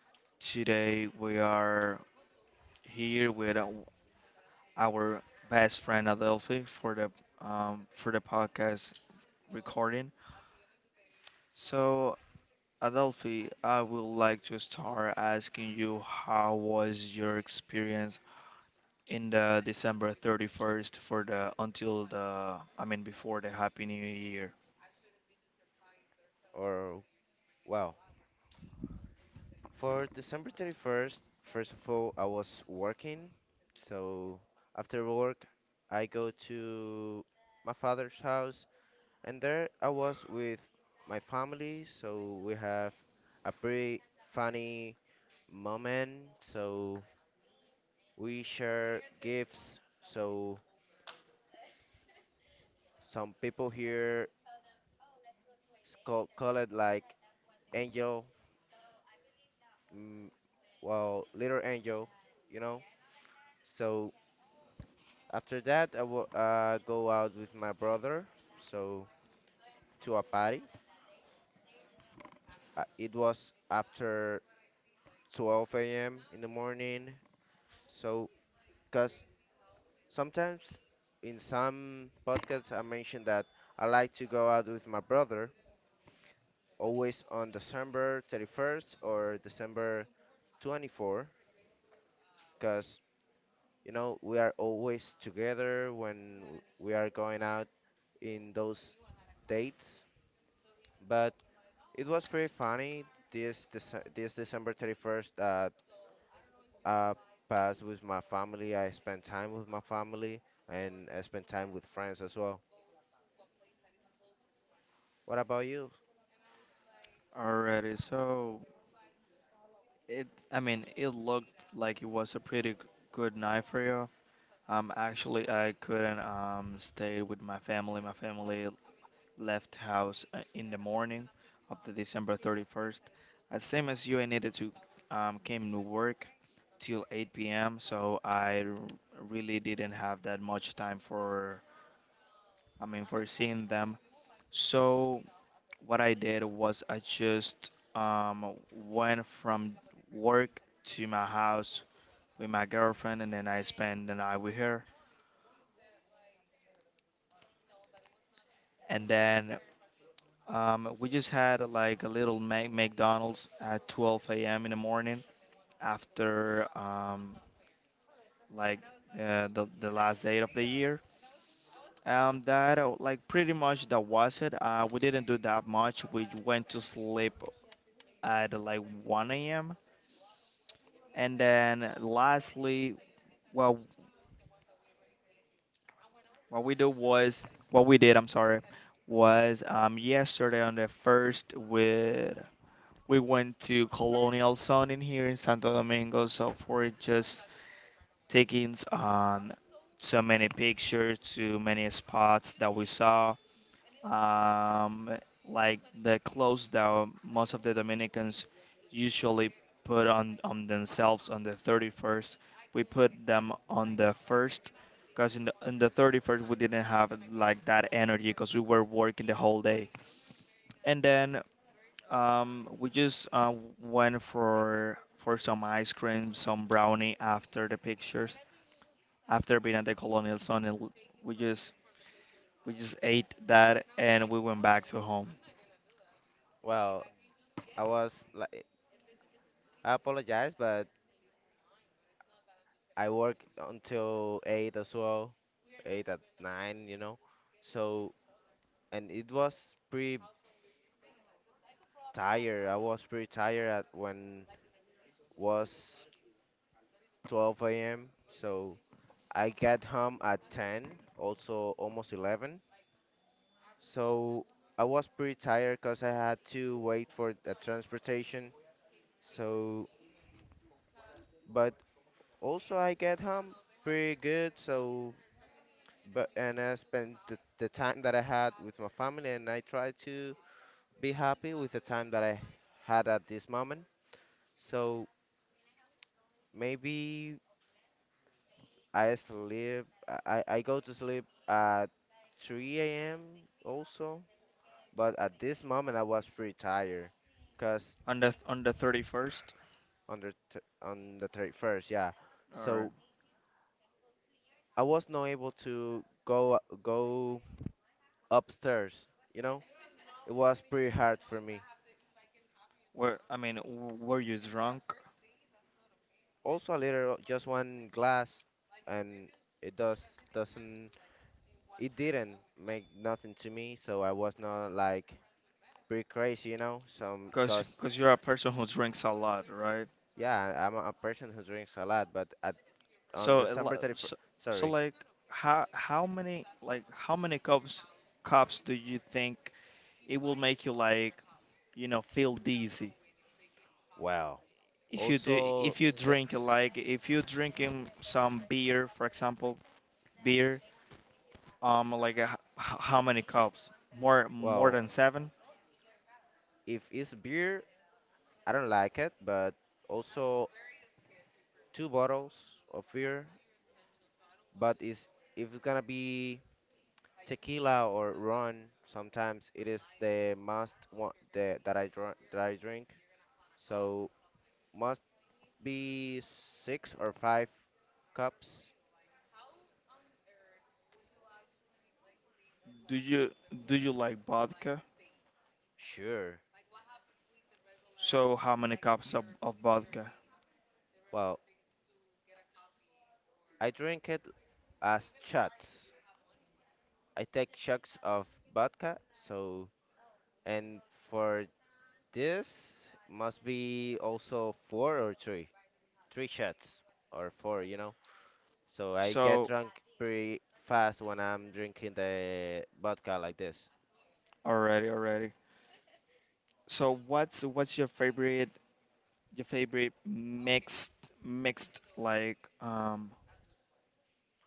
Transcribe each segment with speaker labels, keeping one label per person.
Speaker 1: Today we are here with our best friend Adelphi for the podcast recording. So, Adelphi, I would like to start asking you how was your experience in the December 31st for the until the before the Happy New Year.
Speaker 2: Or Wow. For December 31st, first of all, I was working. So after work, I go to my father's house, and there I was with my family. So we have a pretty funny moment. So we share gifts. So some people here call it like angel mm, well, Little Angel, you know. So after that, I will go out with my brother, so to a party. It was after 12 a.m. in the morning. So, because sometimes in some podcasts I mentioned that I like to go out with my brother always on December 31st or December 24th, because we are always together when we are going out in those dates. But it was pretty funny this December 31st. I passed with my family. I spent time with my family and I spent time with friends as well. What about you?
Speaker 1: Alrighty, so it it looked like it was a pretty good night for you. Actually, I couldn't stay with my family. My family left house in the morning of the December 31st. Same as you, I needed to came to work till 8 p.m. So I really didn't have that much time for for seeing them. So what I did was I just went from work to my house with my girlfriend, and then I spent the night with her. And then We just had like a little McDonald's at 12 a.m. in the morning after like the last day of the year. That like pretty much that was it. We didn't do that much. We went to sleep at like 1 a.m. And then lastly, well, what we do was what we did. I'm sorry, was yesterday on the first. We went to Colonial Zone in here in Santo Domingo, so for just taking on so many pictures, too many spots that we saw. Um, like the clothes that most of the Dominicans usually put on themselves on the 31st, we put them on the 1st. Because in in the 31st, we didn't have like that energy because we were working the whole day. And then We just went for some ice cream, some brownie after the pictures. After being at the Colonial Sun, and we just we just ate that and we went back to home.
Speaker 2: Well, I was like, I apologize, but I work until eight as well, eight at nine. So and it was pretty tired. I was pretty tired at when was 12 a.m. So I got home at 10, also almost 11. So I was pretty tired because I had to wait for the transportation. So, but also I get home pretty good. So, but and I spent the time that I had with my family, and I try to be happy with the time that I had at this moment. So maybe I sleep. I go to sleep at 3 a.m. also, but at this moment I was pretty tired, cause
Speaker 1: On the 31st,
Speaker 2: on the 31st, yeah.
Speaker 1: or
Speaker 2: So I was not able to go upstairs. You know, it was pretty hard for me.
Speaker 1: were were you drunk?
Speaker 2: Also, a little just one glass, and it does doesn't it didn't make nothing to me. So I was not like pretty crazy. Some
Speaker 1: Cause
Speaker 2: cause
Speaker 1: cause you're a person who drinks a lot, right?
Speaker 2: Yeah, I'm a person who drinks a lot, but at on
Speaker 1: So a
Speaker 2: December
Speaker 1: lo-
Speaker 2: 31st,
Speaker 1: so, so
Speaker 2: sorry.
Speaker 1: like how many, like how many cups do you think it will make you like, you know, feel dizzy?
Speaker 2: Wow.
Speaker 1: If you
Speaker 2: Also
Speaker 1: drink,
Speaker 2: six.
Speaker 1: like if you drinking some beer for example, beer, like a, how many cups, more
Speaker 2: Well,
Speaker 1: than seven?
Speaker 2: if it's beer, I don't like it, but also two bottles of beer. But is if it's gonna be tequila or rum, sometimes it is the must one that I drink. So must be six or five cups.
Speaker 1: do you do you like vodka?
Speaker 2: Sure.
Speaker 1: So how many cups of vodka?
Speaker 2: Well, I drink it as shots. I take shots of vodka, so and for this must be also four or three shots or four. So I get
Speaker 1: So
Speaker 2: drunk pretty fast when I'm drinking the vodka like this.
Speaker 1: already, so what's your favorite, your favorite mixed, mixed, like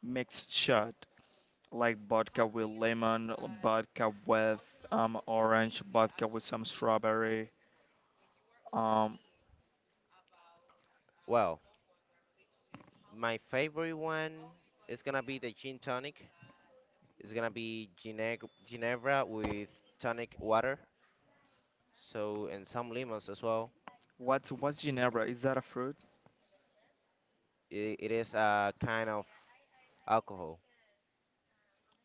Speaker 1: mixed shot, like vodka with lemon, vodka with orange, vodka with some strawberry. Um,
Speaker 2: Well, my favorite one is gonna be the gin tonic. It's gonna be Ginevra with tonic water, so and some lemons as well.
Speaker 1: what's Ginebra? Is that a fruit?
Speaker 2: It is a kind of alcohol.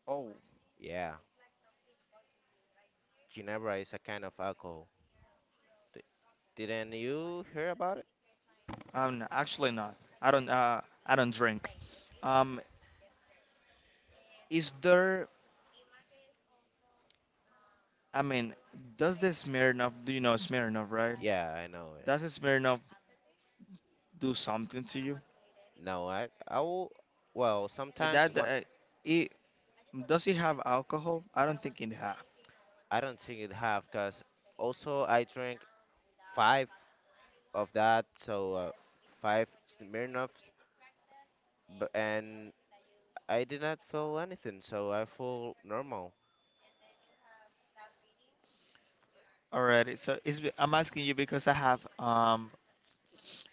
Speaker 1: Oh,
Speaker 2: Yeah. Ginebra is a kind of alcohol. D- Didn't you hear about it?
Speaker 1: actually not. I don't uh I don't drink. Um, is there? I mean, does the Smirnoff? Do you know Smirnoff, right?
Speaker 2: Yeah, I know it.
Speaker 1: Does the Smirnoff do something to you?
Speaker 2: No, I will, well, sometimes
Speaker 1: That
Speaker 2: when
Speaker 1: it does it have alcohol? I don't think it have.
Speaker 2: I don't think it half, cause also I drink five of that, so five Smirnoffs, but and I did not feel anything, so I feel normal.
Speaker 1: Alrighty, so I'm asking you because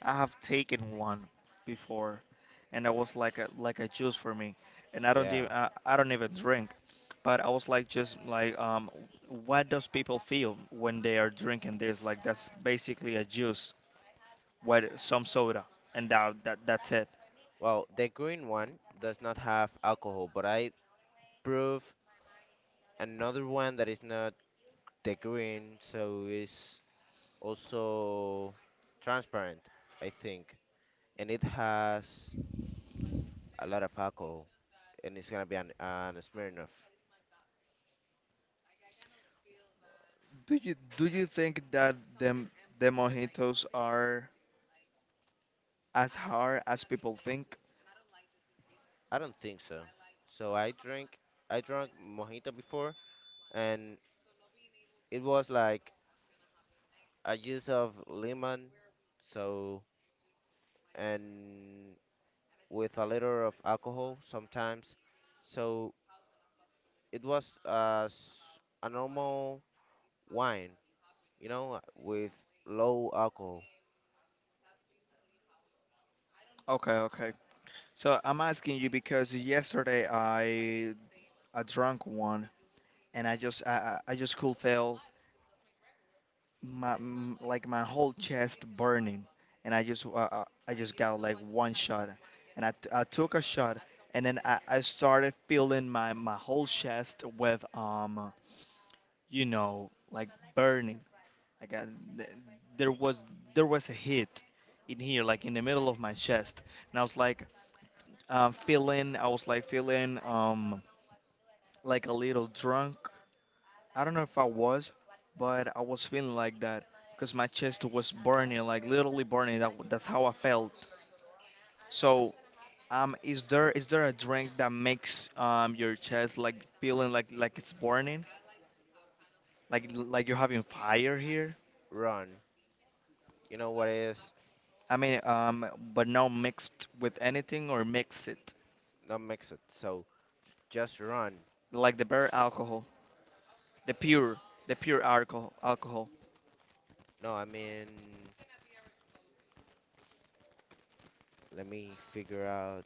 Speaker 1: I have taken one before, and that was like a, like a juice for me, and I don't
Speaker 2: Yeah.
Speaker 1: even I don't even drink. But I was like, just like, what does people feel when they are drinking this? Like, that's basically a juice with some soda, and that's it.
Speaker 2: Well, the green one does not have alcohol, but I prove another one that is not the green, so it's also transparent, I think, and it has a lot of alcohol, and it's gonna be an Smirnoff.
Speaker 1: Do you think that them, the mojitos are as hard as people think?
Speaker 2: I don't think so. So I drank mojito before, and it was like a juice of lemon, so and with a little of alcohol sometimes. So it was a normal wine, with low alcohol,
Speaker 1: Okay, okay. So I'm asking you because yesterday I drank one and I just I just could feel my like my whole chest burning, and I just I just got like one shot, and I took a shot, and then I started feeling my whole chest with you know, like burning, like th- there was there was a hit in here, like in the middle of my chest. And I was like, feeling, I was like feeling like a little drunk. I don't know if I was, but I was feeling like that because my chest was burning, like literally burning. That's how I felt. So, is there a drink that makes your chest like feeling like it's burning, like you're having fire here?
Speaker 2: run. You know what is?
Speaker 1: I mean, but not mixed with anything or mix it,
Speaker 2: Not mix it. So just run.
Speaker 1: like the bare alcohol, the pure, the pure alcohol, alcohol.
Speaker 2: No, I mean, let me figure out.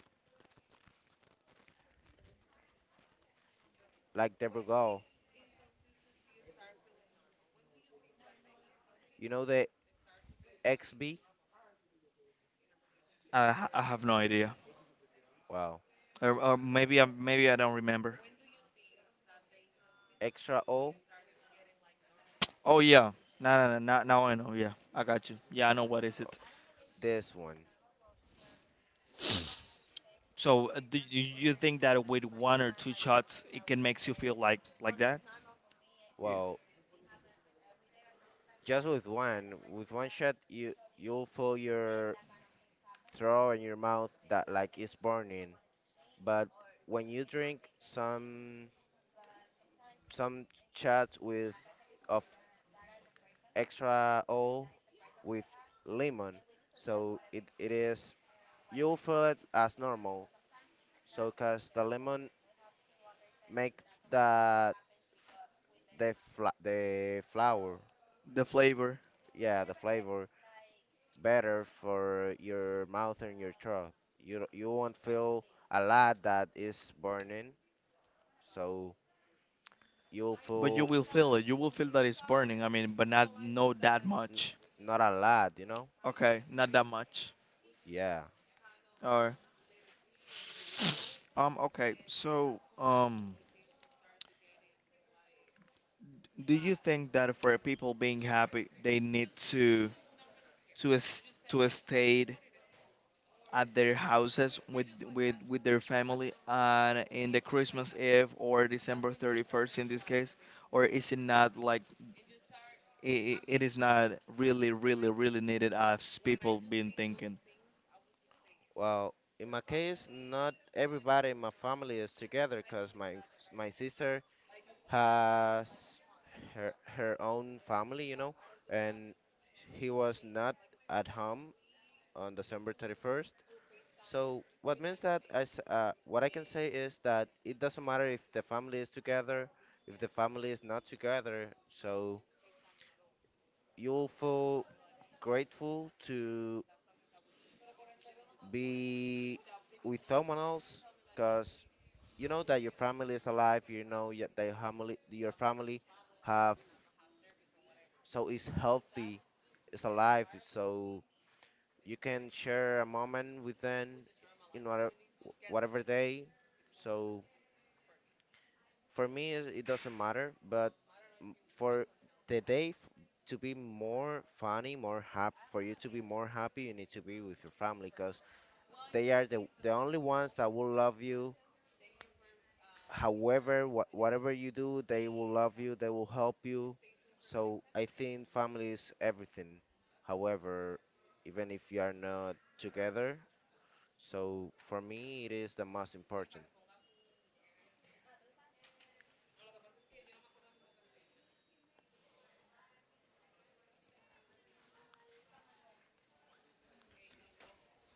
Speaker 2: Like the Brugal. You know the XB?
Speaker 1: I have no idea,
Speaker 2: Well,
Speaker 1: or maybe I don't remember.
Speaker 2: extra O.
Speaker 1: Oh yeah. No, now I know. Yeah, I got you. Yeah, I know what is
Speaker 2: Uh,
Speaker 1: it.
Speaker 2: This one.
Speaker 1: So, do you, you think that with one or two shots, it can makes you feel like that? Yeah.
Speaker 2: Well, just with one shot, you'll feel your throat and your mouth that like is burning. But when you drink some shots with of extra O with lemon, so it is you'll feel it as normal. So, cause the lemon makes the the flour,
Speaker 1: The flavor,
Speaker 2: yeah, the flavor better for your mouth and your throat. You won't feel a lot that is burning, so you'll
Speaker 1: but you
Speaker 2: feel
Speaker 1: will feel it. You will feel that it's burning. I mean, but not no that
Speaker 2: n-
Speaker 1: much.
Speaker 2: not a lot, you know?
Speaker 1: Okay, not that much.
Speaker 2: Yeah.
Speaker 1: Or okay. So, do you think that for people being happy, they need to a state at their houses with with their family and in the Christmas Eve or December 31st in this case, or is it not like it is not really really really needed as people been thinking?
Speaker 2: Well, in my case, not everybody in my family is together, cause my sister has her own family, and he was not at home on December 31st. So what means that as what I can say is that it doesn't matter if the family is together, if the family is not together. So you'll feel grateful to be with someone else, cause you know that your family is alive. You know that your family have so it's healthy, it's alive. So you can share a moment with them in whatever day. So for me, it doesn't matter. But for the day to be more funny, more happy, for you to be more happy, you need to be with your family because they are the only ones that will love you. However, whatever you do, they will love you, they will help you. So I think family is everything. However, even if you are not together, so for me, it is the most important.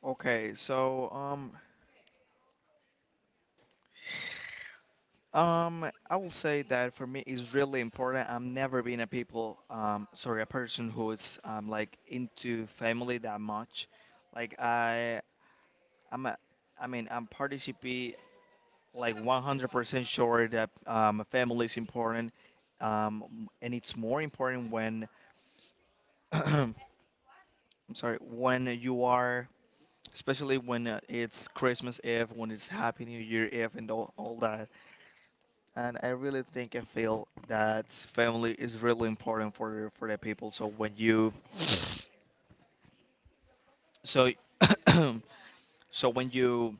Speaker 1: Okay so, I will say that for me it's really important. I'm never been a people, sorry, a person who is like into family that much. Like I I'm a, I mean I'm participate like 100% sure that a family is important, and it's more important when I'm sorry, when you are, especially when it's Christmas Eve, when it's Happy New Year Eve and all that. And I really think, I feel that family is really important for the people. So when you, so so when you,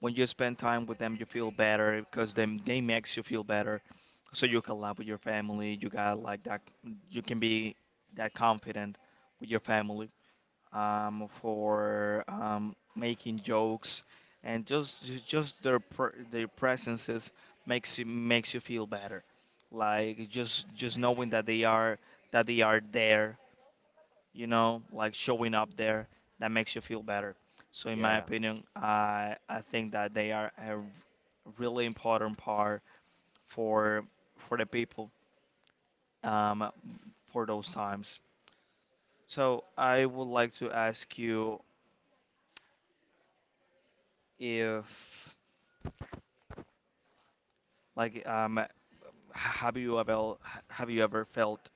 Speaker 1: when you spend time with them, you feel better because them, they makes you feel better. So you can laugh with your family. You got like that. You can be that confident with your family. For making jokes, and just just their their presences makes you, makes you feel better. Like just knowing that they are, that they are there, you know, like showing up there, that makes you feel better. So in my
Speaker 2: Yeah.
Speaker 1: opinion, I think that they are a really important part for the people, um, for those times. So I would like to ask you if, like um h- have you ever, have you ever felt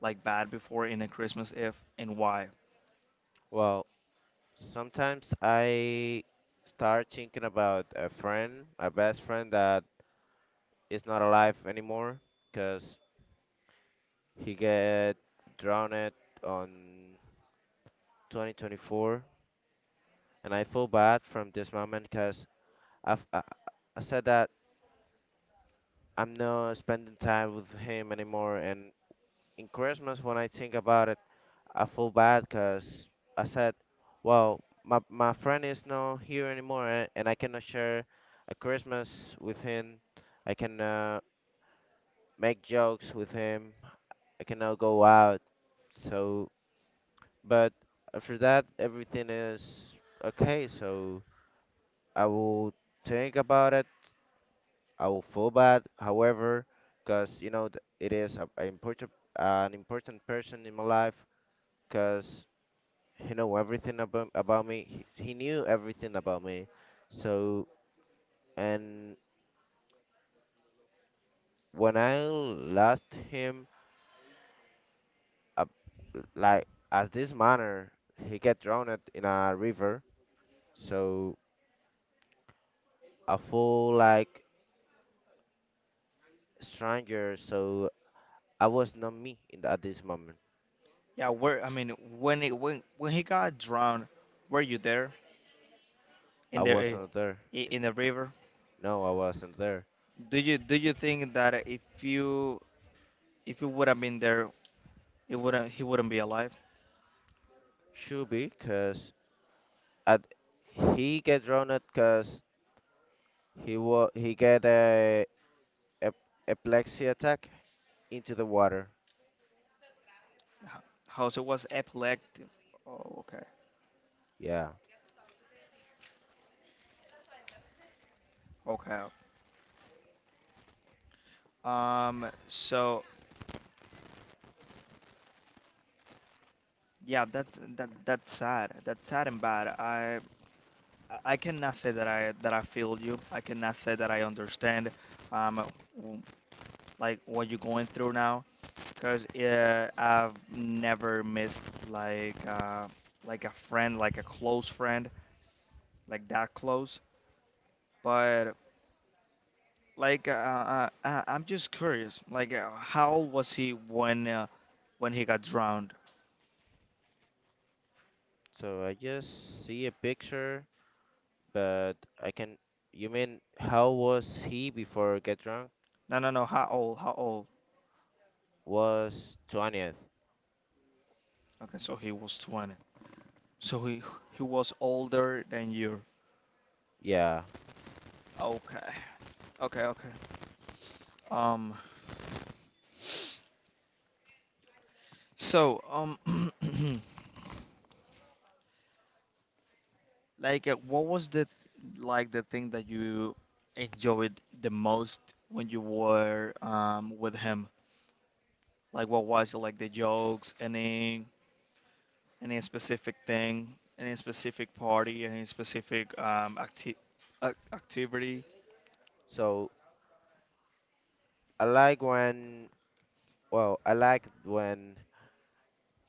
Speaker 1: like bad before in a Christmas Eve, and why?
Speaker 2: Well, sometimes I start thinking about a friend, a best friend that is not alive anymore because he get drowned on 2024, and I feel bad from this moment because. I've, I, I said that I'm not spending time with him anymore. And in Christmas, when I think about it, I feel bad because I said, well, my friend is not here anymore and I cannot share a Christmas with him. I cannot make jokes with him. I cannot go out. So, but after that, everything is okay. So I will think about it. I will feel bad, however, because you know it is a important an important person in my life, because he know everything about me. He knew everything about me. So and when I lost him, uh, like as this manner, he get drowned in a river. So I feel like stranger. So I was not me at this moment.
Speaker 1: Yeah, where I mean, when it, when he got drowned, were you there in
Speaker 2: I
Speaker 1: the
Speaker 2: was not there.
Speaker 1: in the river?
Speaker 2: No, I wasn't there
Speaker 1: Do you think that if you, if you would have been there, it wouldn't, he wouldn't be alive?
Speaker 2: should be 'cause and he get drowned because he get a ep- epilepsy attack into the water.
Speaker 1: H- How? So it was epileptic. Oh, okay.
Speaker 2: Yeah.
Speaker 1: Okay. So yeah, that's that's sad. That's sad and bad. I cannot say that I feel you. I cannot say that I understand. Um, w- like what you're going through now, because I've never missed like a friend, like a close friend, like that close. But like, I'm just curious. Like, how old was he when he got drowned?
Speaker 2: So I just see a picture, but I can. You mean how was he before get drunk?
Speaker 1: No, no, no. How old? How old?
Speaker 2: Was 20th.
Speaker 1: Okay, so he was 20. So he was older than you.
Speaker 2: Yeah.
Speaker 1: Okay. Okay. Okay. Um. So. like, what was the like the thing that you enjoyed the most when you were with him? Like, what was it? Like the jokes, any specific thing, any specific party, any specific activity.
Speaker 2: So I like when. Well, I like when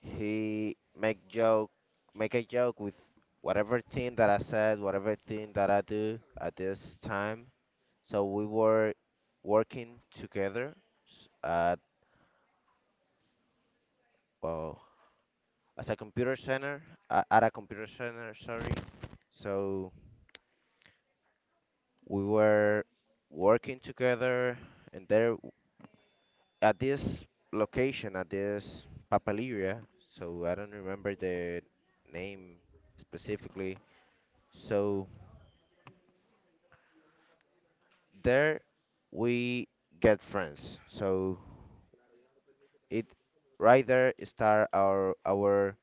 Speaker 2: he make a joke with whatever thing that I said, whatever thing that I do at this time. So we were working together s- at well, as a computer center at a computer center, sorry. So we were working together and at this location at this papaleria. So I don't remember the name specifically. So there we get friends. So it right there start our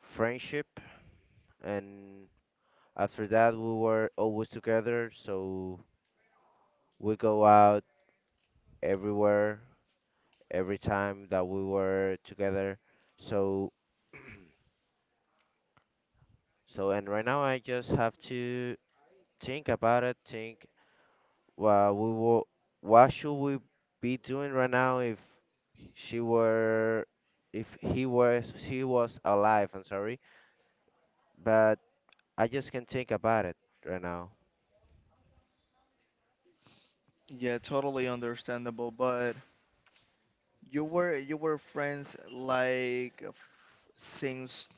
Speaker 2: friendship, and after that we were always together, so we go out everywhere every time that we were together. So so and right now I just have to think about it. Think, well, we will, what should we be doing right now if she were if he was, she was alive, I'm sorry, but I just can't think about it right now.
Speaker 1: Yeah, totally understandable. But you were, you were friends like since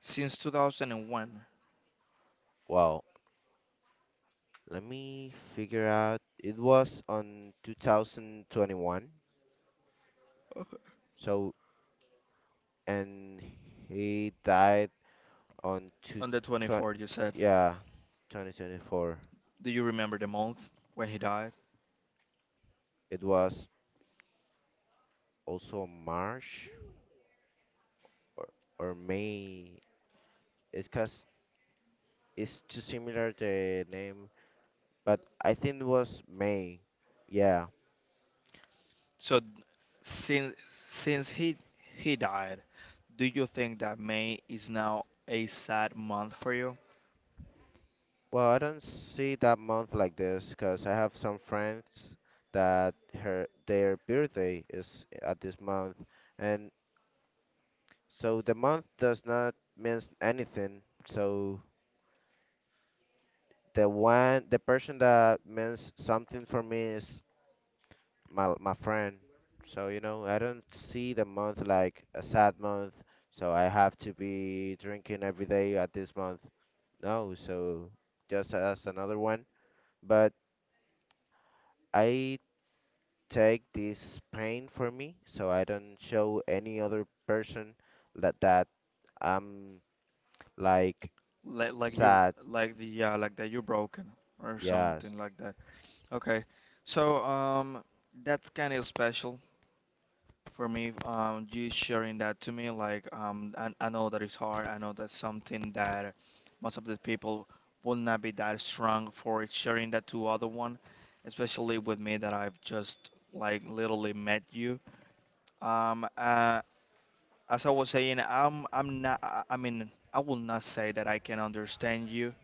Speaker 1: since 2001?
Speaker 2: Wow. Let me figure out. It was on 2021.
Speaker 1: Okay.
Speaker 2: So and he died on two
Speaker 1: On the
Speaker 2: twen-
Speaker 1: 24th. You said.
Speaker 2: yeah, 2024.
Speaker 1: Do you remember the month when he died?
Speaker 2: It was also March or, or May. It's cause it's too similar the name, but I think it was May. Yeah.
Speaker 1: So since he died, do you think that May is now a sad month for you?
Speaker 2: Well, I don't see that month like this because I have some friends that her their birthday is at this month, and so the month does not means anything. So the person that means something for me is my friend. So you know I don't see the month like a sad month. So I have to be drinking every day at this month. No, so just as another one, but. I take this pain for me so I don't show any other person that I'm like
Speaker 1: Like you
Speaker 2: sad.
Speaker 1: like the, yeah, like that you're broken or
Speaker 2: Yes.
Speaker 1: something like that. Okay, so that's kind of special for me, you sharing that to me. Like, I know that it's hard. I know that's something that most of the people will not be that strong for sharing that to other one, especially with me that I've just like literally met you. um uh as I was saying, I'm not, I mean, I will not say that I can understand you.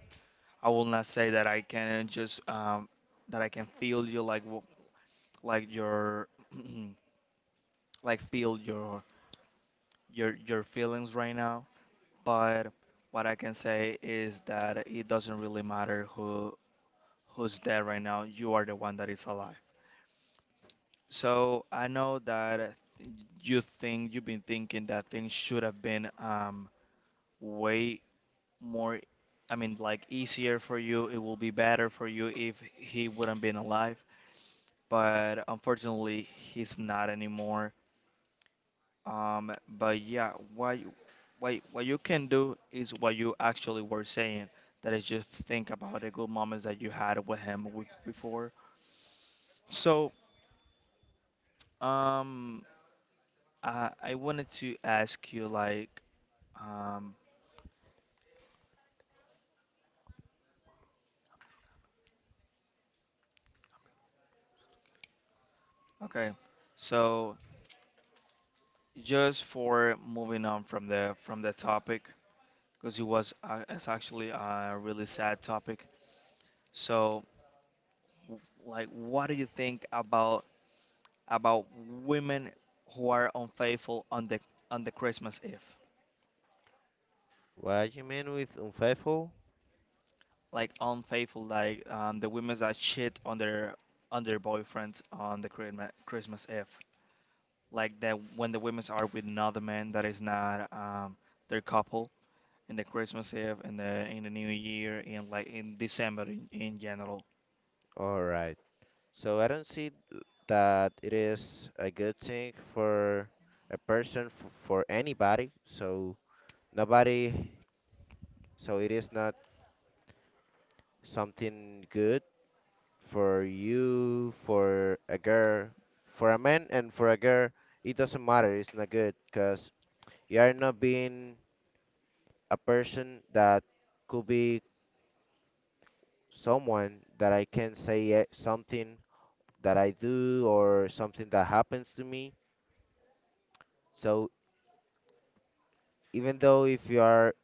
Speaker 1: I will not say that I can just that I can feel you like like your like feel your, your feelings right now. But what I can say is that it doesn't really matter who, who's dead right now. You are the one that is alive. So I know that you've been thinking that things should have been, way more. I mean, like easier for you. It will be better for you if he wouldn't been alive, but unfortunately he's not anymore. Um, but yeah, what you can do is what you actually were saying. That is just think about the good moments that you had with him before. So um, I I wanted to ask you, like um, okay, so just for moving on from the topic, because it was it's actually a really sad topic. So w- like what do you think about women who are unfaithful on the Christmas Eve?
Speaker 2: What you mean with unfaithful?
Speaker 1: Like unfaithful, like the women that cheat on their boyfriends on the Christmas Eve, like that, when the women are with another man that is not their couple in the Christmas Eve and the in the New Year, in like in December, in general.
Speaker 2: All right. So I don't see that it is a good thing for a person for anybody. So nobody. So it is not something good for you, for a girl, for a man and for a girl, it doesn't matter. It's not good because you are not being a person that could be someone that I can say something that I do or something that happens to me. So even though if you are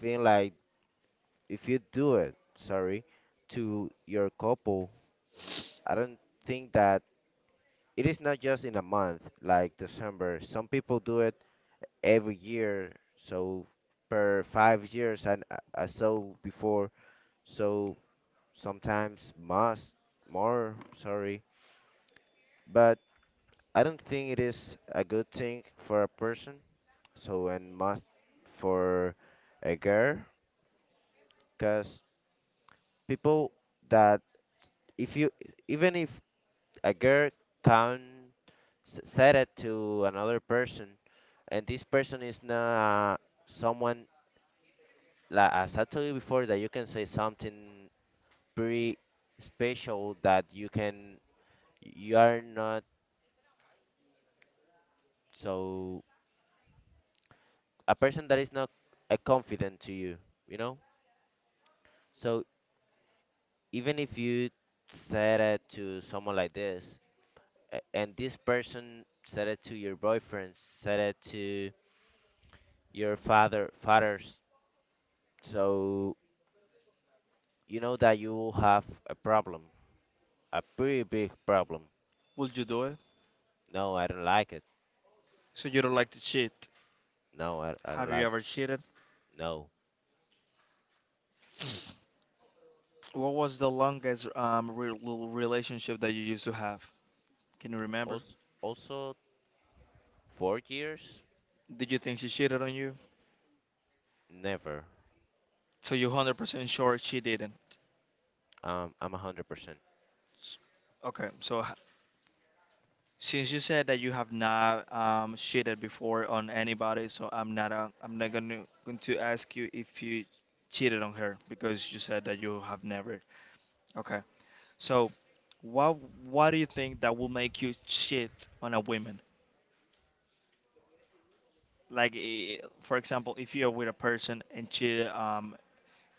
Speaker 2: feeling like, if you do it, sorry, to your couple, I don't think that it is not just in a month like December. Some people do it every year. So per 5 years, I saw before. So sometimes must more. Sorry, but I don't think it is a good thing for a person. So and must for a girl, because people that if you even if a girl can said it to another person, and this person is not someone like as I told you before, that you can say something pretty special that you are not so a person that is not confident to you, you know. So even if you said it to someone like this, and this person said it to your boyfriend, said it to your fathers, so you know that you will have a problem, a pretty big problem.
Speaker 1: Would you do it?
Speaker 2: No, I don't like it.
Speaker 1: So you don't like to cheat.
Speaker 2: No, I don't
Speaker 1: Have you
Speaker 2: like it.
Speaker 1: ever cheated?
Speaker 2: No.
Speaker 1: What was the longest little relationship that you used to have? Can you remember?
Speaker 2: Also, also 4 years?
Speaker 1: Did you think she cheated on you?
Speaker 2: Never.
Speaker 1: So you're 100% sure she didn't.
Speaker 2: I'm 100%.
Speaker 1: Okay, so h- since you said that you have not cheated before on anybody, so I'm not gonna going to ask you if you cheated on her, because you said that you have never. Okay, so what what do you think that will make you cheat on a woman? Like, for example, if you're with a person and she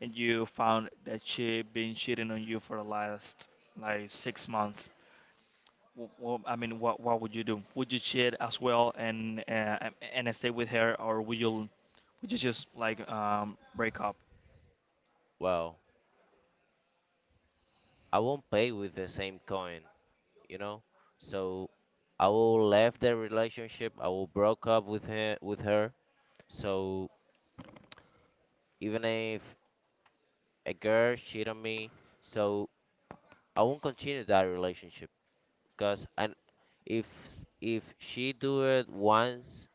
Speaker 1: and you found that she been cheating on you for the last like 6 months, well, I mean, what would you do? Would you cheat as well and stay with her, or would you, would you just like break up?
Speaker 2: Well, I won't pay with the same coin, you know. So I will left the relationship. I will broke up with her. With her. So even if a girl cheat on me, so I won't continue that relationship. Cause and if if she do it once,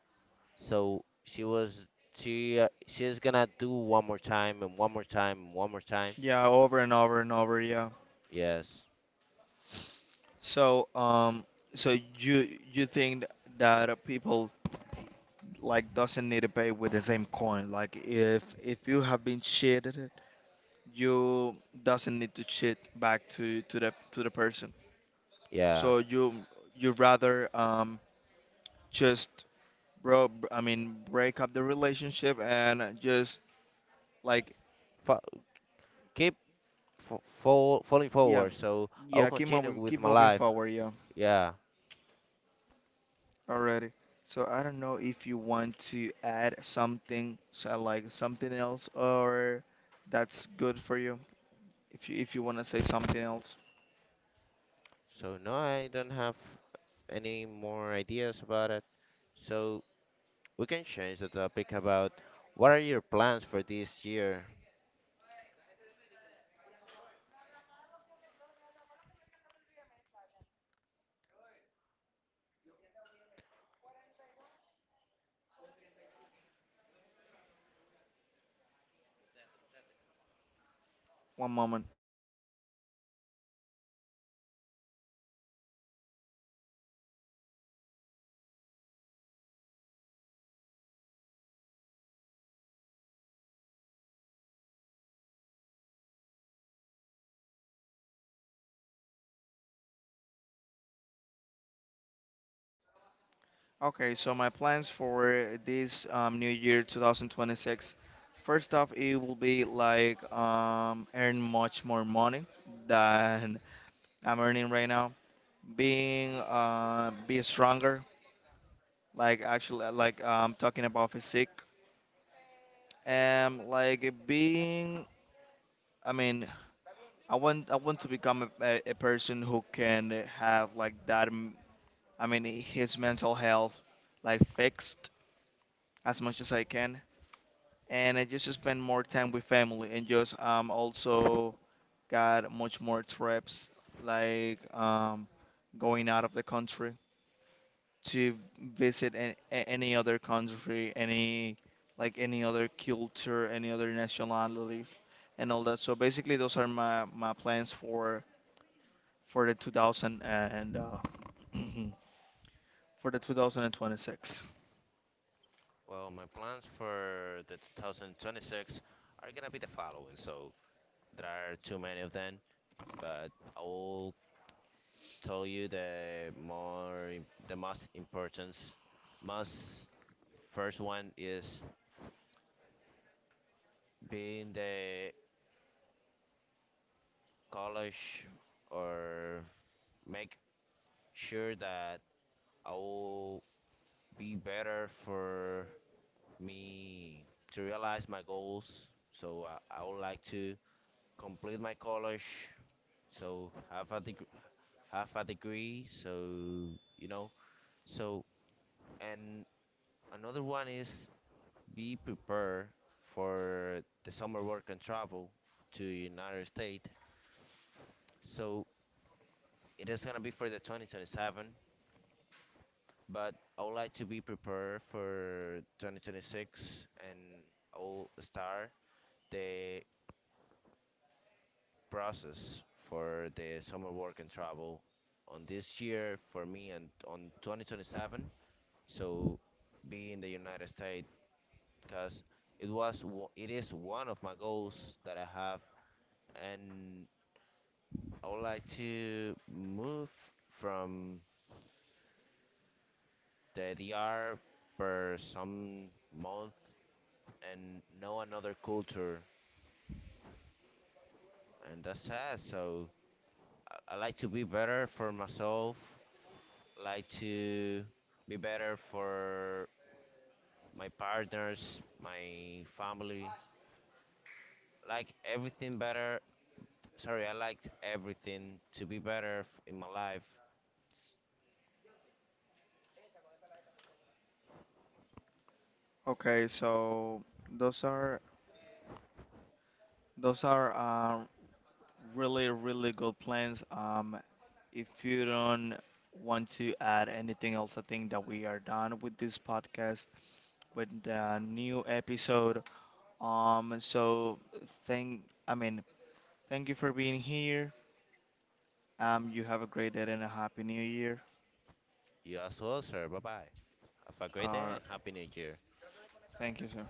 Speaker 2: so she was she she's gonna do one more time and one more time and one more time.
Speaker 1: Yeah, over and over and over, yeah.
Speaker 2: Yes.
Speaker 1: So, um, so you you think that people like doesn't need to pay with the same coin? Like, if you have been cheated, you doesn't need to cheat back to the person.
Speaker 2: Yeah.
Speaker 1: So you rather just, I mean, break up the relationship and just like,
Speaker 2: Fo- Keep falling
Speaker 1: yeah,
Speaker 2: forward. So I will
Speaker 1: yeah, keep
Speaker 2: continue
Speaker 1: moving,
Speaker 2: with
Speaker 1: keep
Speaker 2: my
Speaker 1: moving
Speaker 2: life.
Speaker 1: forward, yeah.
Speaker 2: Yeah.
Speaker 1: Already, so I don't know if you want to add something, so like something else, or that's good for you, if you if you want to say something else.
Speaker 2: So no, I don't have any more ideas about it. So we can change the topic about what are your plans for this year?
Speaker 1: One moment. Okay, so my plans for this new year 2026, first off, it will be like earn much more money than I'm earning right now. Being be stronger, like actually talking about physique, and like being, I mean, I want to become a person who can have like that his mental health like fixed as much as I can, and I just spend more time with family and just also got much more trips, like going out of the country to visit any other country, any, like any other culture, any other nationalities, and all that. So basically, those are my plans for the 2000 and for the 2026.
Speaker 2: Well, my plans for the 2026 are gonna be the following. So there are too many of them, but I will tell you the most important, most First one is being the college or make sure that I will be better for me to realize my goals. So I would like to complete my college. So have a have a degree. So you know. So and another one is be prepared for the summer work and travel to United States. So it is gonna be for the 2027, but I would like to be prepared for 2026, and I'll start the process for the summer work and travel on this year for me and on 2027. So be in the United States because it is one of my goals that I have, and I would like to move from the DR for some month and know another culture, and that's sad. So I like to be better for myself. Like to be better for my partners, my family. Like everything better. Sorry, I liked everything to be better in my life.
Speaker 1: Okay, so those are, those are really really good plans. If you don't want to add anything else, I think that we are done with this podcast, with the new episode. Um, so thank, I mean, Thank you for being here. You have a great day and a happy new year.
Speaker 2: You as well, sir. Bye bye. Have a great day
Speaker 1: Uh,
Speaker 2: and happy new year.
Speaker 1: Thank you, sir.